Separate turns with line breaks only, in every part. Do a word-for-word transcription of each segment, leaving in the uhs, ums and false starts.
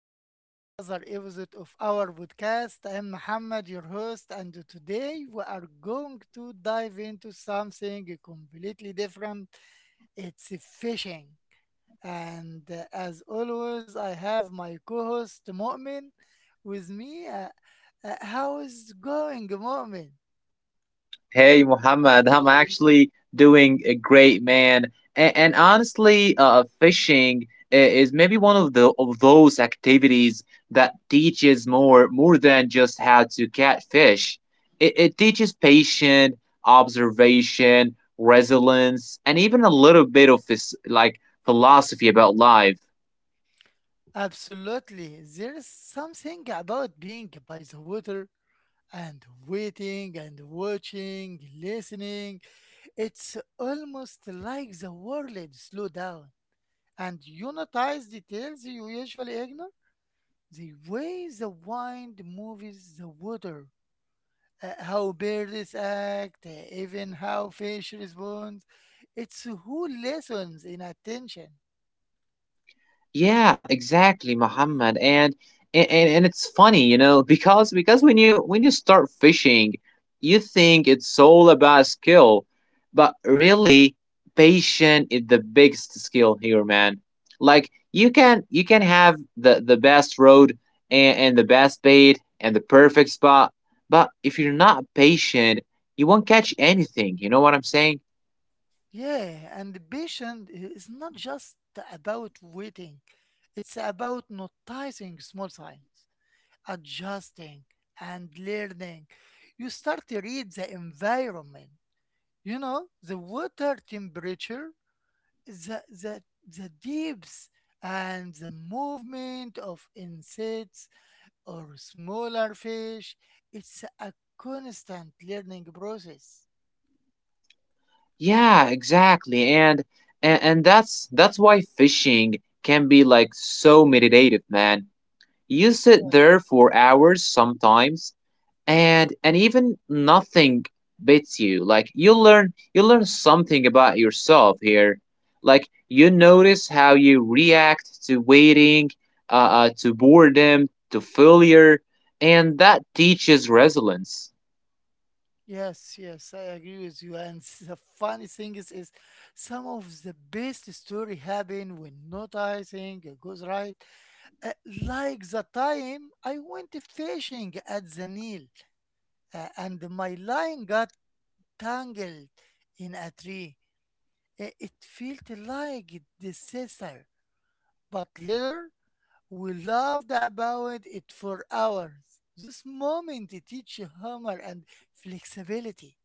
back to another episode of our podcast. I'm Muhammad, your host, and today we are going to dive into something completely different. It's fishing. And uh, as always, I have my co-host Mu'min with me. Uh, uh, how is it going, Mu'min?
Hey, Muhammad, I'm actually doing a great, man. And, and honestly, uh, fishing i- is maybe one of the of those activities that teaches more more than just how to catch fish. It, it teaches patience, observation, resilience, and even a little bit of this like philosophy about life.
Absolutely. There is something about being by the water and waiting and watching, listening. It's almost like the world slow down and you notice details you usually ignore. The way the wind moves the water, uh, how birds act, uh, even how fish respond. It's who lessons in attention.
Yeah, exactly, Muhammad. And and, and and it's funny, you know, because because when you when you start fishing, you think it's all about skill, but really, patience is the biggest skill here, man. Like you can you can have the the best road and, and the best bait and the perfect spot, but if you're not patient, you won't catch anything. You know what I'm saying?
Yeah, and patient is not just about waiting. It's about noticing small signs, adjusting and learning. You start to read the environment, you know, the water temperature, the, the, the depths, and the movement of insects or smaller fish. It's a constant learning process.
Yeah, exactly. And, and and that's that's why fishing can be like so meditative, man. You sit there for hours sometimes, and and even nothing beats you like you learn you learn something about yourself here, like you notice how you react to waiting, uh, uh to boredom, to failure, and that teaches resilience.
Yes, yes, I agree with you. And s- the funny thing is, is some of the best story happen when noticing it goes right. Uh, like the time I went fishing at the Nile uh, and my line got tangled in a tree. I- It felt like a disaster, but later we laughed about it for hours. This moment teaches humor and flexibility.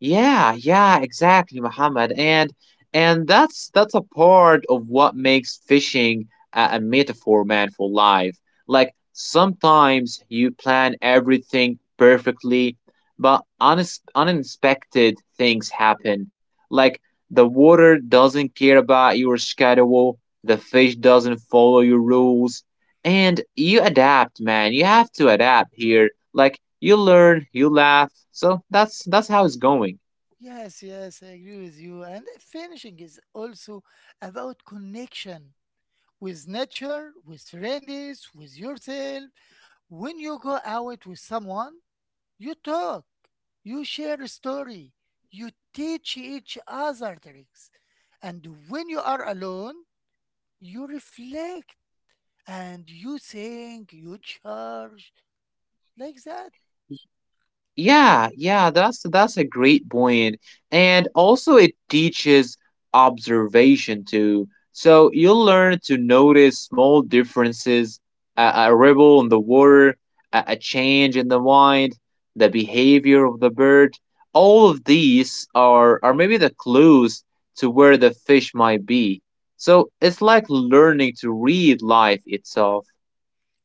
Yeah, yeah, exactly, Muhammad. And and that's that's a part of what makes fishing a, a metaphor, man, for life. Like sometimes you plan everything perfectly, but unex unexpected things happen. Like the water doesn't care about your schedule, the fish doesn't follow your rules, and you adapt, man. You have to adapt here. Like you learn, you laugh. So that's that's how it's going.
Yes, yes, I agree with you. And finishing is also about connection with nature, with friends, with yourself. When you go out with someone, you talk, you share a story, you teach each other tricks. And when you are alone, you reflect and you think, you charge, like that.
Yeah, yeah, that's that's a great point. And also it teaches observation too. So you'll learn to notice small differences, a, a ripple in the water, a, a change in the wind, the behavior of the bird. All of these are are maybe the clues to where the fish might be. So it's like learning to read life itself.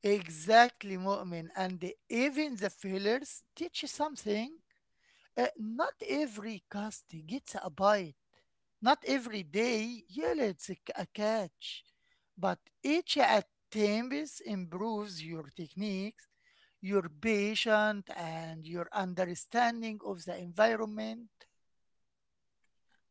Exactly, Mu'min. And even the failures teach something. Uh, not every cast gets a bite. Not every day yields a c- a catch, but each attempt improves your techniques, your patience, and your understanding of the environment.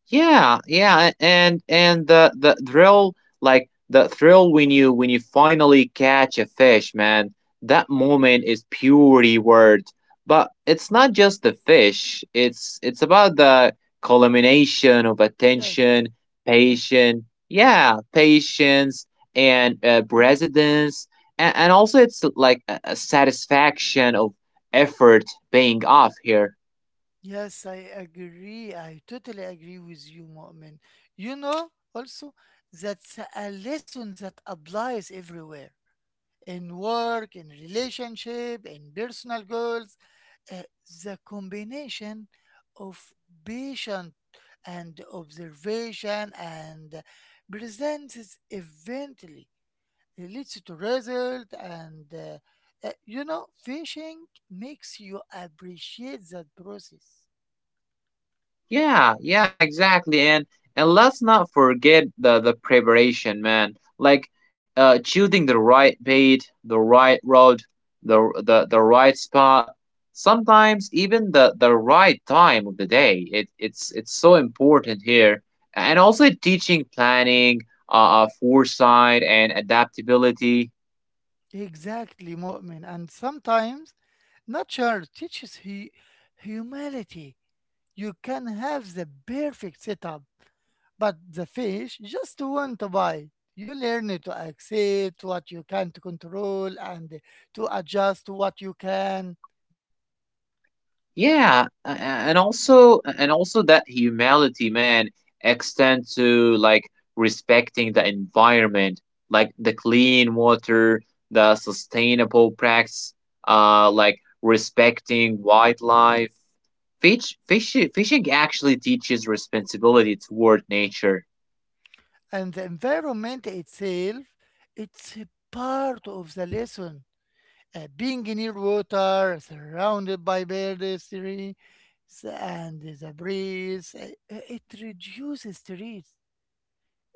Yeah, yeah, and and the the thrill, like the thrill when you when you finally catch a fish, man. That moment is pure reward. But it's not just the fish. It's it's about the culmination of
Yes,
attention,
yes.
patience, yeah, patience and uh,
Mm,
precedence, and, and also it's like a, a satisfaction of effort paying off here.
yes, I agree. I totally agree with you, Mu'min. You know, also, that's a lesson that applies everywhere in work, in relationship, in personal goals. uh, the combination of patient and observation and presents eventually leads to result and uh, uh, you know, fishing makes you appreciate that process.
Yeah, yeah, exactly. And and let's not forget the the preparation, man. Like uh choosing the right bait, the right rod, the the the right spot, sometimes even the the right time of the day. It it's it's so important here. And also teaching planning, uh, uh foresight and adaptability.
Exactly, Mu'min, and sometimes nature teaches hu- humility. You can have the perfect setup, but the fish just want to bite. You learn to accept what you can't control and to adjust to what you can.
Yeah, a- a- and also and also that humility, man, extends to like respecting the environment, like the clean water, the sustainable practice, uh, like respecting wildlife. Fish, fish, fishing actually teaches responsibility toward nature.
And the environment itself, it's a part of the lesson. Uh, being near water, surrounded by biodiversity, s- and the breeze, uh, uh, it reduces stress.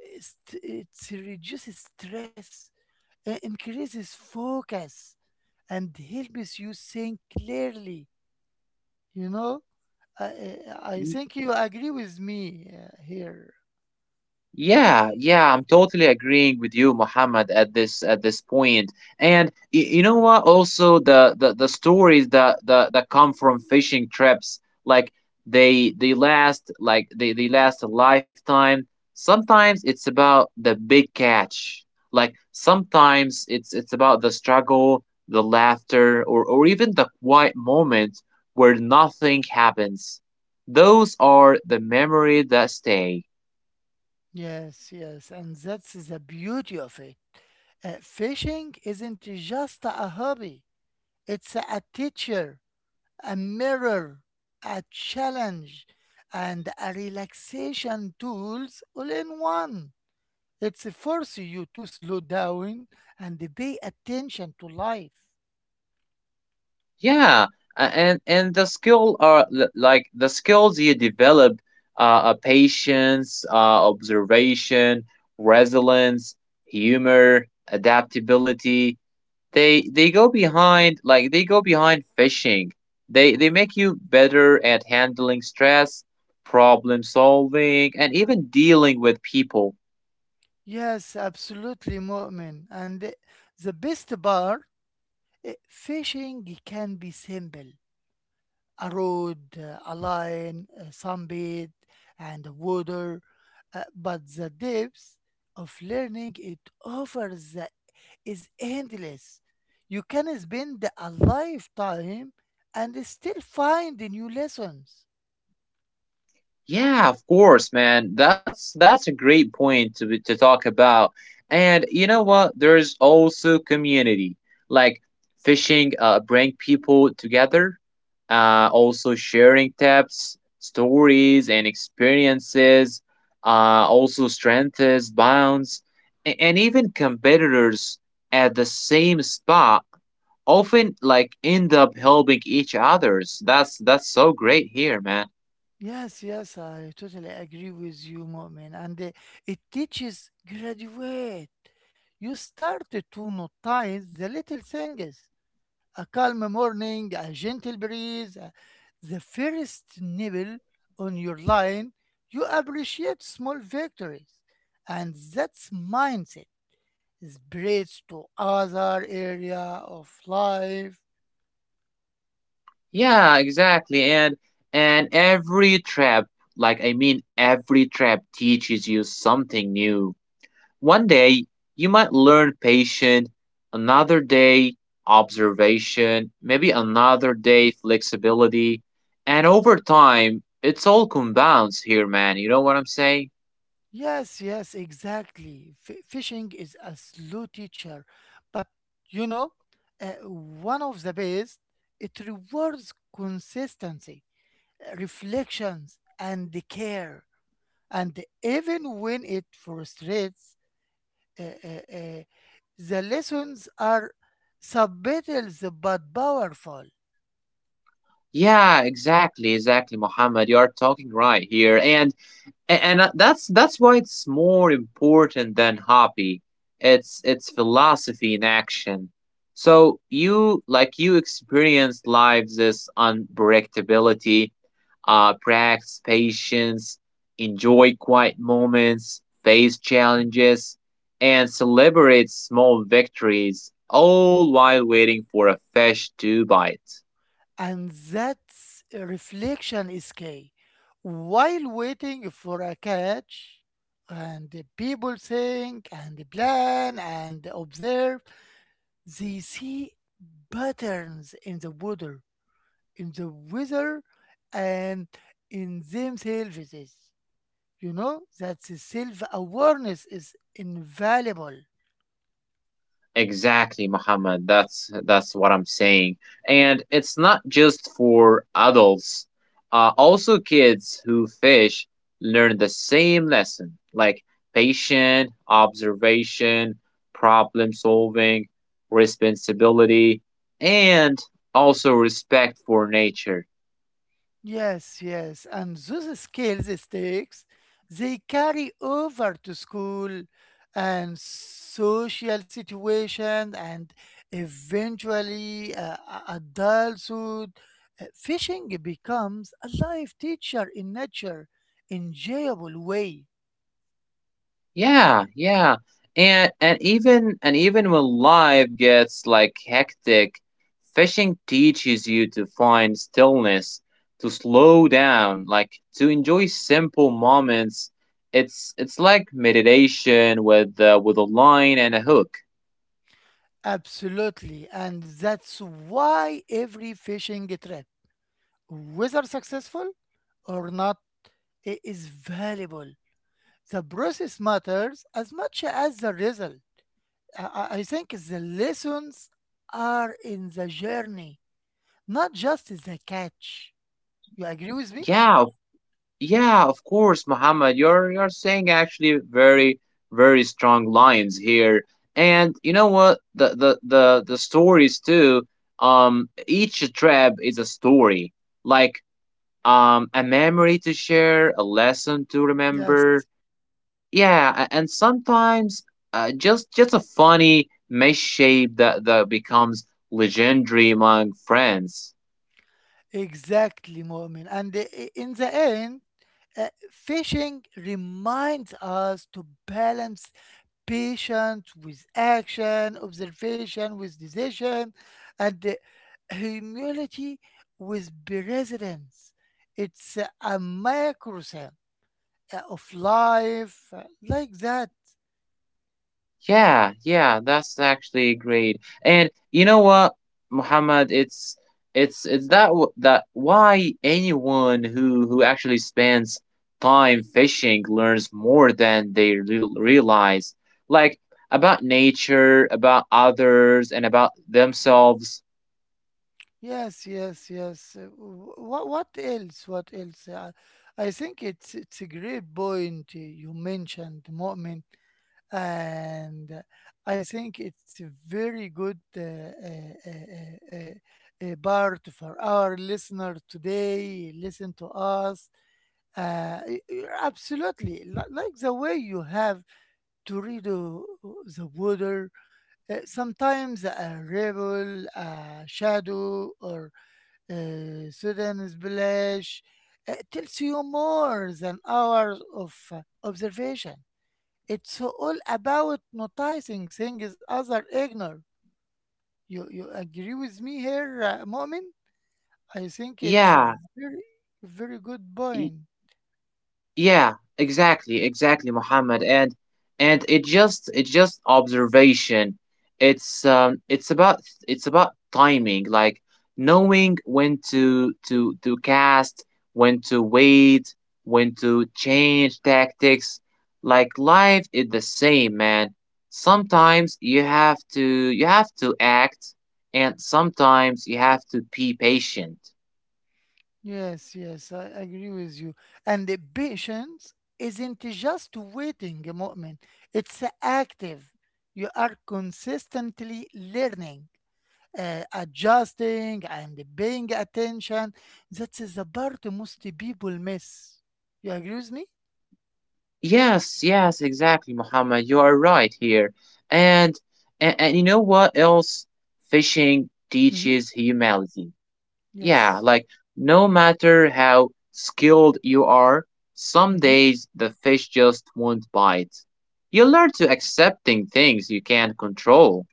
It, it reduces stress, uh, increases focus, and helps you think clearly. You know, I, I I think you agree with me uh, here.
Yeah, yeah, I'm totally agreeing with you, Mohammed, at this at this point. And y- you know what? Also, the the, the stories that, that that come from fishing trips, like they they last like they, they last a lifetime. Sometimes it's about the big catch. Like sometimes it's it's about the struggle, the laughter, or or even the quiet moment where nothing happens. Those are the memory that stay.
Yes, yes, and that's the beauty of it. Uh, fishing isn't just a hobby, it's a a teacher, a mirror, a challenge, and a relaxation tools all in one. It forces you to slow down and pay attention to life.
Yeah, a- and and the skill are l- like the skills you develop, uh, are patience, uh, observation, resilience, humor, adaptability. They they go behind like they go behind fishing. They they make you better at handling stress, problem solving, and even dealing with people.
Yes, absolutely, Mu'min. And the the best part, eh, fishing can be simple. A rod, uh, a line, a sunbed, and water. Uh, but the depth of learning it offers the- is endless. You can spend a lifetime and still find new lessons.
Yeah, of course, man. That's that's a great point to be- to talk about. And you know what? There's also community. Like fishing uh bring people together. Uh also sharing tips, stories and experiences uh also strengthens bonds. A- and even competitors at the same spot often like end up helping each others. That's that's so great here, man.
Yes, yes, I totally agree with you, Mu'min. And uh, It teaches graduate. You start to notice the little things. A calm morning, a gentle breeze, uh, the first nibble on your line. You appreciate small victories. And that's mindset spreads to other area of life.
Yeah, exactly. And and every trap, like I mean every trap teaches you something new. One day you might learn patience, another day observation, maybe another day flexibility, and over time it's all compounds here, man. You know what I'm saying?
Yes, yes, exactly. F- fishing is a slow teacher, but you know, uh, one of the best, it rewards consistency, uh, reflections, and the care. And even when it frustrates, uh, uh, uh, the lessons are subtle but powerful.
Yeah, exactly, exactly, Muhammad. You are talking right here. And A- and uh, that's that's why it's more important than hobby, it's it's philosophy in action. So you like you experience lives as unpredictability, uh practice patience, enjoy quiet moments, face challenges, and celebrate small victories all while waiting for a fish to bite.
And that reflection is key. While waiting for a catch, and the people think and plan and observe, they see patterns in the water, in the weather, and in themselves. You know that the self awareness is invaluable.
Exactly, Muhammad. That's that's what I'm saying. And it's not just for adults. Uh, also, kids who fish learn the same lesson, like patient observation, problem solving, responsibility, and also respect for nature.
Yes, yes. And those skills stakes they carry over to school and social situation and eventually uh, a- adulthood. Uh, Fishing becomes a life teacher in nature enjoyable way.
Yeah, yeah. And and even and even when life gets like hectic, fishing teaches you to find stillness, to slow down, like to enjoy simple moments. It's it's like meditation with uh, with a line and a hook.
Absolutely. And that's why every fishing trip, whether successful or not, i- is valuable. The process matters as much as the result. I I I think the lessons are in the journey, not just the catch. You agree with me?
Yeah, yeah, of course, Muhammad. You're you're saying actually very very strong lines here. And you know what? The the the the stories too. Um, each trap is a story, like um a memory to share, a lesson to
Yes,
remember. Yeah, a- and sometimes, uh, just just a funny misshape that that becomes legendary among friends.
exactly, Mu'min. And i- i- in the end, uh, fishing reminds us to balance patience with action, observation with decision, and uh, humility with presence. It's uh, a microcosm uh, of life, uh, like that.
Yeah, yeah, that's actually great. And you know what, Muhammad, it's it's it's that w- that why anyone who who actually spends time fishing learns more than they re- realize, like about nature, about others, and about themselves.
Yes, yes, yes. What what else? What else? Uh, I think it's it's a great point uh, you mentioned, Mu'min, and uh, I think it's a very good uh, uh, uh, uh, uh, uh, part for our listener today. Listen to us. Uh, y- y- absolutely, li- like the way you have to read uh, the water. Uh, sometimes a rebel, a shadow, or uh, Sudan's village uh, tells you more than hours of uh, observation. It's all about noticing things others ignore. You you agree with me here, uh, Mu'min? I think it's a
Yeah,
very very good point.
yeah, exactly, exactly, Muhammad. And and it just it's just observation. It's um it's about it's about timing, like knowing when to to to cast, when to wait, when to change tactics. Like life is the same, man. Sometimes you have to you have to act, and sometimes you have to be patient.
Yes, yes, I agree with you. And the patience isn't just waiting, Mu'min. It's active. You are consistently learning, uh, adjusting and paying attention. That is the part most people miss. You agree with me?
Yes, yes, exactly, Muhammad. You are right here. And, and and you know what else? Fishing
Mm-hmm.
teaches humility. Yeah,
Yes.
like no matter how skilled you are, some
Mm-hmm.
days the fish just won't bite. You learn to accepting things you can't control.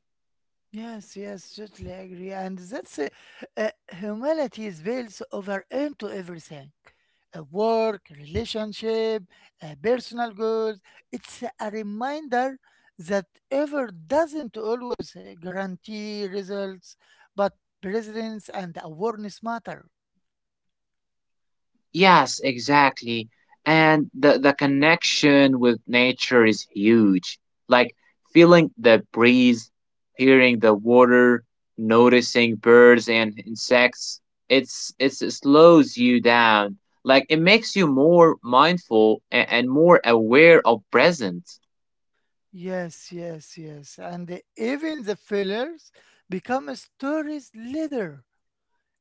Yes, yes, totally agree. And that's uh, uh, humility is built over into everything, uh, work, relationship, uh, personal goals. It's a reminder that effort doesn't always uh, guarantee results, but presence and awareness matter.
Yes, exactly. And the, the connection with nature is huge. Like feeling the breeze, hearing the water, noticing birds and insects. It's, it's it slows you down. Like it makes you more mindful and, and more aware of present.
Yes, yes, yes. And even the fillers become stories later.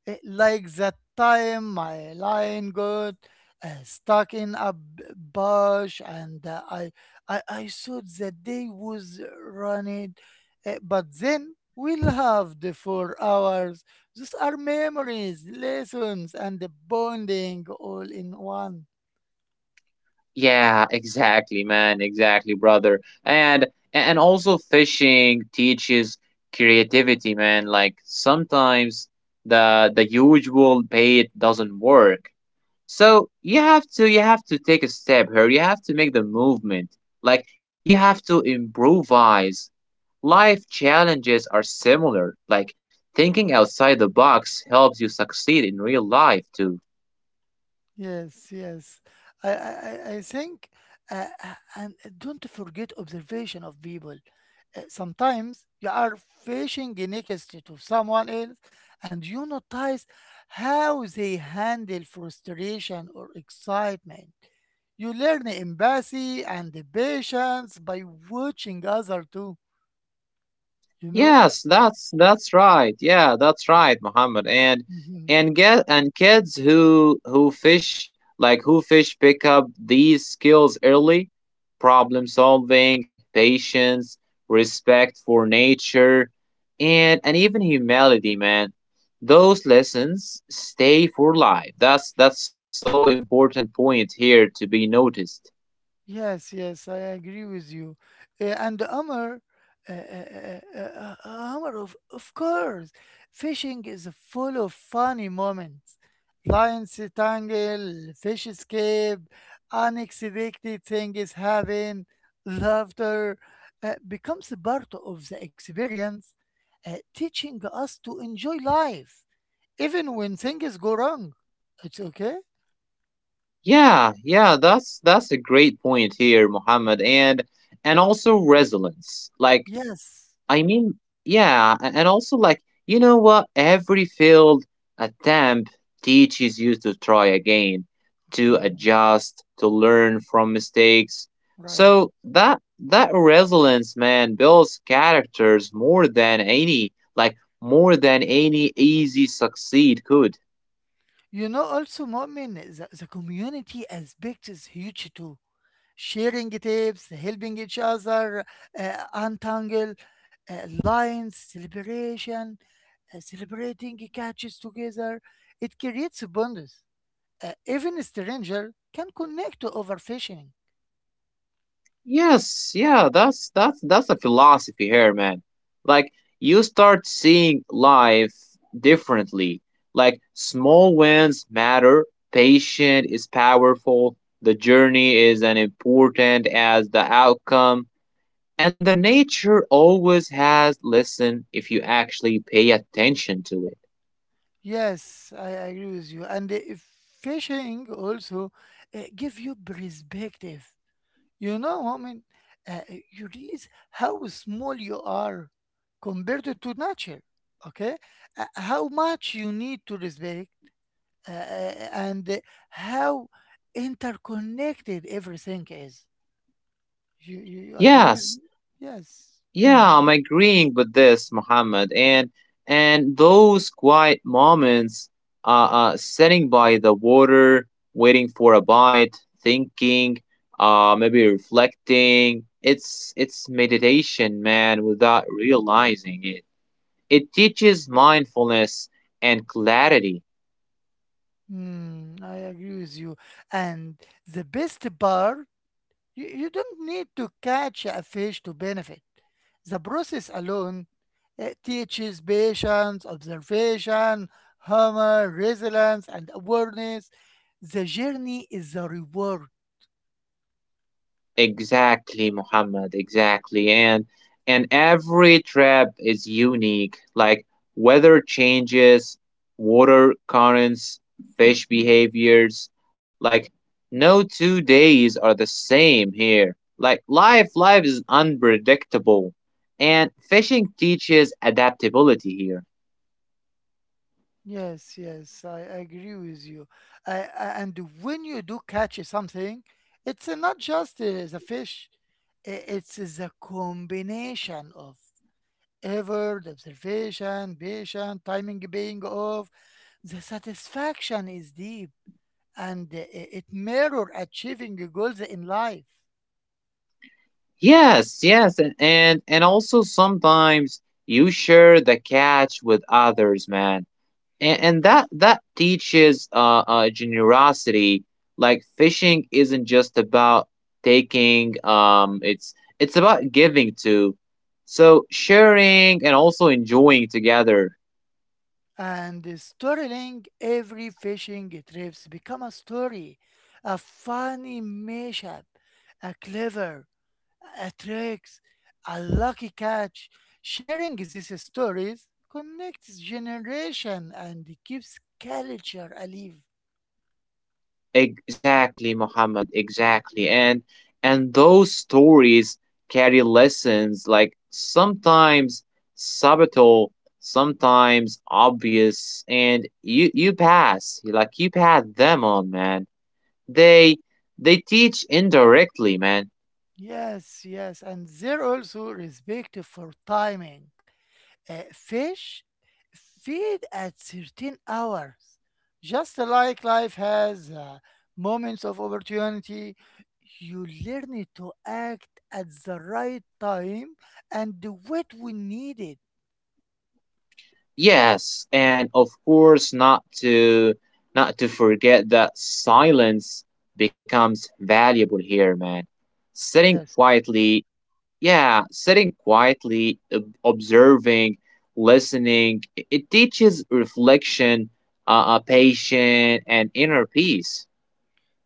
Eh, like that time my line got uh, stuck in a b- bush and uh, I, I I thought the day was running. Eh, but then we loved for hours. These are memories, lessons, and the bonding all in one.
Yeah, exactly, man. Exactly, brother. And and also fishing teaches creativity, man. Like sometimes the the usual bait doesn't work. So you have to you have to take a step here. You have to make the movement. Like you have to improvise. Life challenges are similar. Like thinking outside the box helps you succeed in real life too.
Yes, yes. I, I, I I think, uh, uh, and don't forget observation of people. Uh, sometimes you are fishing next to someone else and you notice how they handle frustration or excitement. You learn empathy and the patience by watching others too, you know?
Yes, that's that's right. Yeah, that's right, Muhammad. And and get and kids who who fish like who fish pick up these skills early, problem solving, patience, respect for nature, and and even humility, man. Those lessons stay for life. That's that's so important point here to be noticed.
Yes, yes, I agree with you. Uh, and Amr, uh, uh, uh, uh, uh, Amr, of, of course, fishing is full of funny moments. Lines tangle, fish escape, unexpected things happen, laughter uh, becomes a part of the experience, uh, teaching us to enjoy life, even when things go wrong. It's okay?
Yeah, yeah, that's that's a great point here, Muhammad, and and also resilience. Like,
Yes.
I mean, yeah, a- and also like, you know what? Every failed attempt teaches you to try again, to
Okay,
adjust, to learn from mistakes.
right.
So that that resilience, man, builds characters more than any, like more than any easy succeed could.
You know, also, Mu'min, the, the community aspect is huge too. Sharing tips, helping each other, uh, untangle uh, lines, celebration, uh, celebrating catches together. It creates bonds. Uh, even a stranger can connect to over fishing.
Yes, yeah, that's that's that's the philosophy here, man. Like you start seeing life differently. Like small wins matter, patient is powerful, the journey is as important as the outcome, and the nature always has listen if you actually pay attention to it.
Yes, I agree with you. And uh, fishing also uh, give you perspective. You know, woman, uh, you realize how small you are compared to nature. Okay, Uh, how much you need to respect, uh, and uh, how interconnected everything is. You you you agree with
Yes,
me? Yes,
yeah,
hmm.
I'm agreeing with this, Muhammad. And and those quiet moments, uh, uh, sitting by the water, waiting for a bite, thinking, uh, maybe reflecting. It's it's meditation, man, without realizing it. It teaches mindfulness and clarity.
Mm, I agree with you. And the best part, You, you don't need to catch a fish to benefit. The process alone it teaches patience, observation, humor, resilience, and awareness. The journey is the reward.
Exactly, Muhammad, exactly. And and every trap is unique. Like weather changes, water currents, fish behaviors. Like no two days are the same here. Like life life is unpredictable. And fishing teaches adaptability here.
Yes, yes, I agree with you. I, I- and when you do catch something, it's not just uh, the fish, i- it's the combination of effort, observation, patience, timing paying off. The satisfaction is deep and i- it mirror achieving goals in life.
Yes, yes, and and, and also sometimes you share the catch with others, man, and, and that that teaches, uh, uh generosity. Like fishing isn't just about taking, um it's it's about giving too. So sharing and also enjoying together.
And storytelling every fishing trips become a story, a funny mashup, a clever, a tricks, a lucky catch. Sharing these stories connects generation and keeps culture alive.
Exactly, Muhammad, exactly. And and those stories carry lessons, like sometimes subtle, sometimes obvious, and you you pass like you pass them on, man. They they teach indirectly, man.
Yes, yes, and they're also respected for timing. Uh, fish feed at certain hours, just like life has uh, moments of opportunity. You learn to act at the right time and do it when needed.
Yes, and of course not to not to forget that silence becomes valuable here, man. Sitting quietly, yeah, sitting quietly, ob- observing, listening, it it teaches reflection, uh, uh, patience, and inner peace.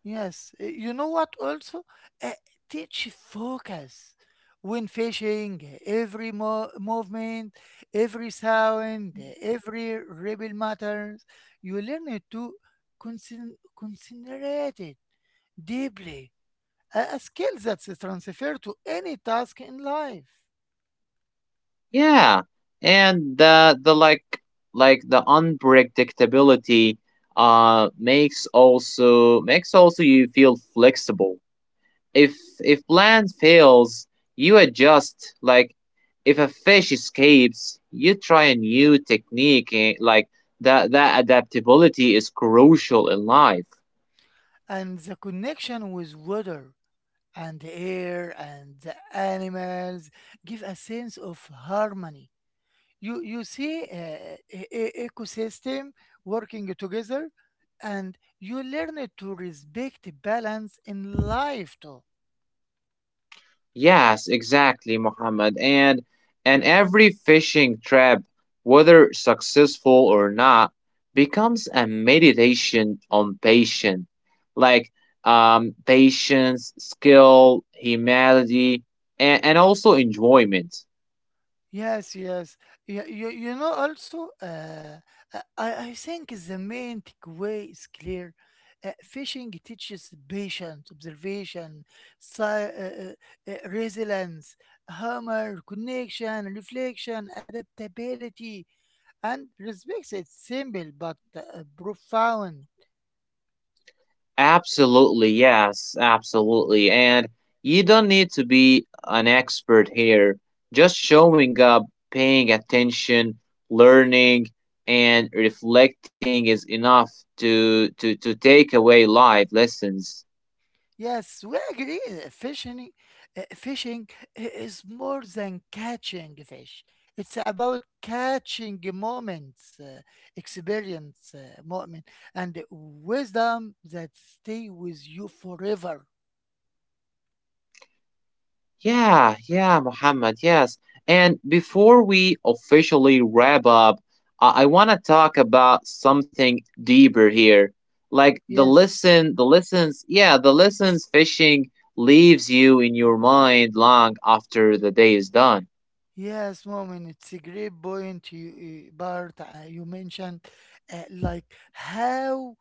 Yes, eh, you know what also? Uh, Teach focus when fishing, eh, every mo- movement, every sound, eh, every ripple matters. You learn to consin- considerate it deeply, a, a skill that's transferred to any task in life.
Yeah, and the the like like the unpredictability uh makes also makes also you feel flexible. If if plan fails, you adjust. Like if a fish escapes, you try a new technique. eh, Like that that adaptability is crucial in life.
And the connection with water and the air and the animals give a sense of harmony. you you see uh, e- e- ecosystem working together and you learn to respect balance in life too.
Yes, exactly, Muhammad. And and every fishing trip, whether successful or not, becomes a meditation on patience, like um, patience, skill, humility, and, and also enjoyment.
Yes, yes, you, you, you know also, uh, i i think the main takeaway is clear. Uh, fishing teaches patience, observation, si- uh, uh, uh, resilience, humor, connection, reflection, adaptability, and respect. It's simple but uh, profound.
Absolutely, yes, absolutely. And you don't need to be an expert here. Just showing up, paying attention, learning, and reflecting is enough to to to take away life lessons.
Yes, we agree. uh, Fishing, uh, fishing i- is more than catching fish. It's about catching moments, uh, experience, uh, moment, and wisdom that stay with you forever.
Yeah, yeah, Mohammed, yes. And before we officially wrap up, I, I want to talk about something deeper here. Like the
Yes.
lesson, the lessons, yeah, the lessons fishing leaves you in your mind long after the day is done.
Yes, woman, it's a great point, you, uh, Bart. Uh, you mentioned uh, like how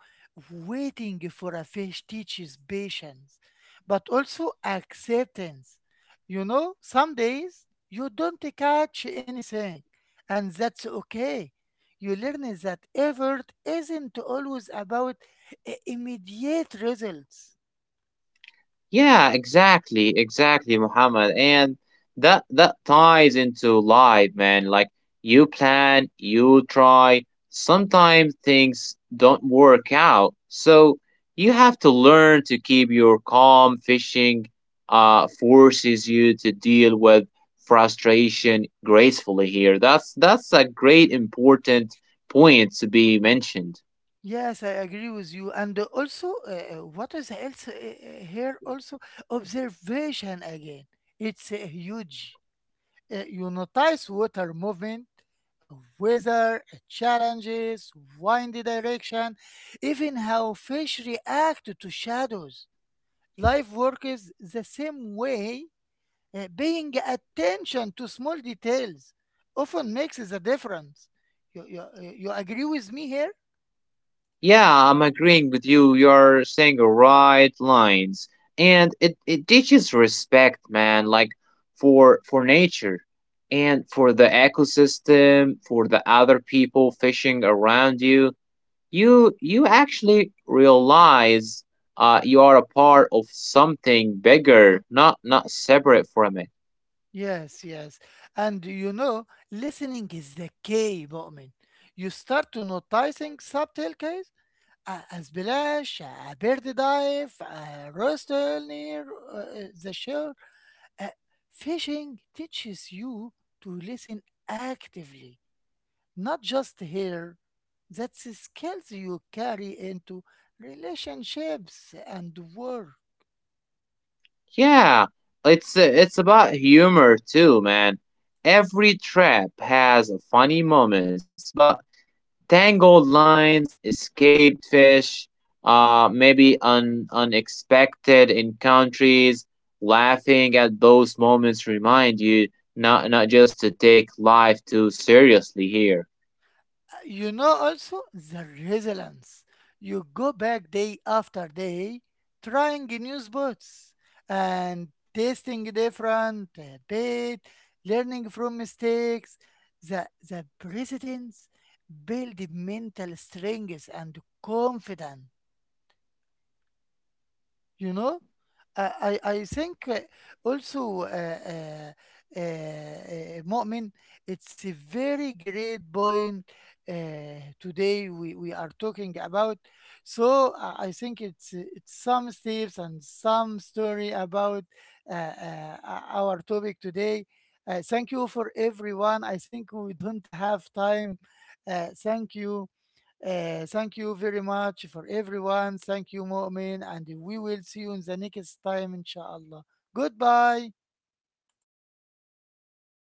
waiting for a fish teaches patience, but also acceptance. You know, some days you don't catch anything, and that's okay. You learn that effort isn't always about uh, immediate results.
Yeah, exactly, exactly, Muhammad. And that that ties into life, man. Like you plan, you try. Sometimes things don't work out. So you have to learn to keep your calm. Fishing uh forces you to deal with frustration gracefully here. That's that's a great important point to be mentioned.
Yes, I agree with you. And uh, also, uh, uh, what is else uh, uh, here also? Observation again. It's uh, huge. Uh, you notice water movement, weather uh, challenges, wind direction, even how fish react to shadows. Life works the same way, uh, paying attention to small details often makes the difference. You, you, you agree with me here?
Yeah, I'm agreeing with you. You're saying the right lines, and it it teaches respect, man. Like for for nature, and for the ecosystem, for the other people fishing around you. you you actually realize, uh, you are a part of something bigger, not not separate from it.
Yes, yes. And you know, listening is the key, Mu'min. You start to noticing subtle cues, a, a splash, a bird dive, a rustle near uh, the shore. Uh, Fishing teaches you to listen actively, not just hear. That's skills you carry into relationships and work.
Yeah, it's it's about humor too, man. Every trap has funny moments, but tangled lines, escaped fish, uh, maybe un, unexpected encounters. Laughing at those moments remind you not not just to take life too seriously here.
You know also the resilience, you go back day after day, trying new spots and tasting different uh, bait, learning from mistakes. The the presidents build mental strength and confidence, you know. Uh, I, I think uh, also uh, uh, uh, uh, Mu'min, it's a very great point uh, today we, we are talking about. So uh, I think it's uh, it's some steps and some story about uh, uh, our topic today. Uh, thank you for everyone. I think we don't have time. Uh, thank you. Uh, thank you very much for everyone. Thank you, Mu'min, and we will see you in the next time, inshallah. Goodbye.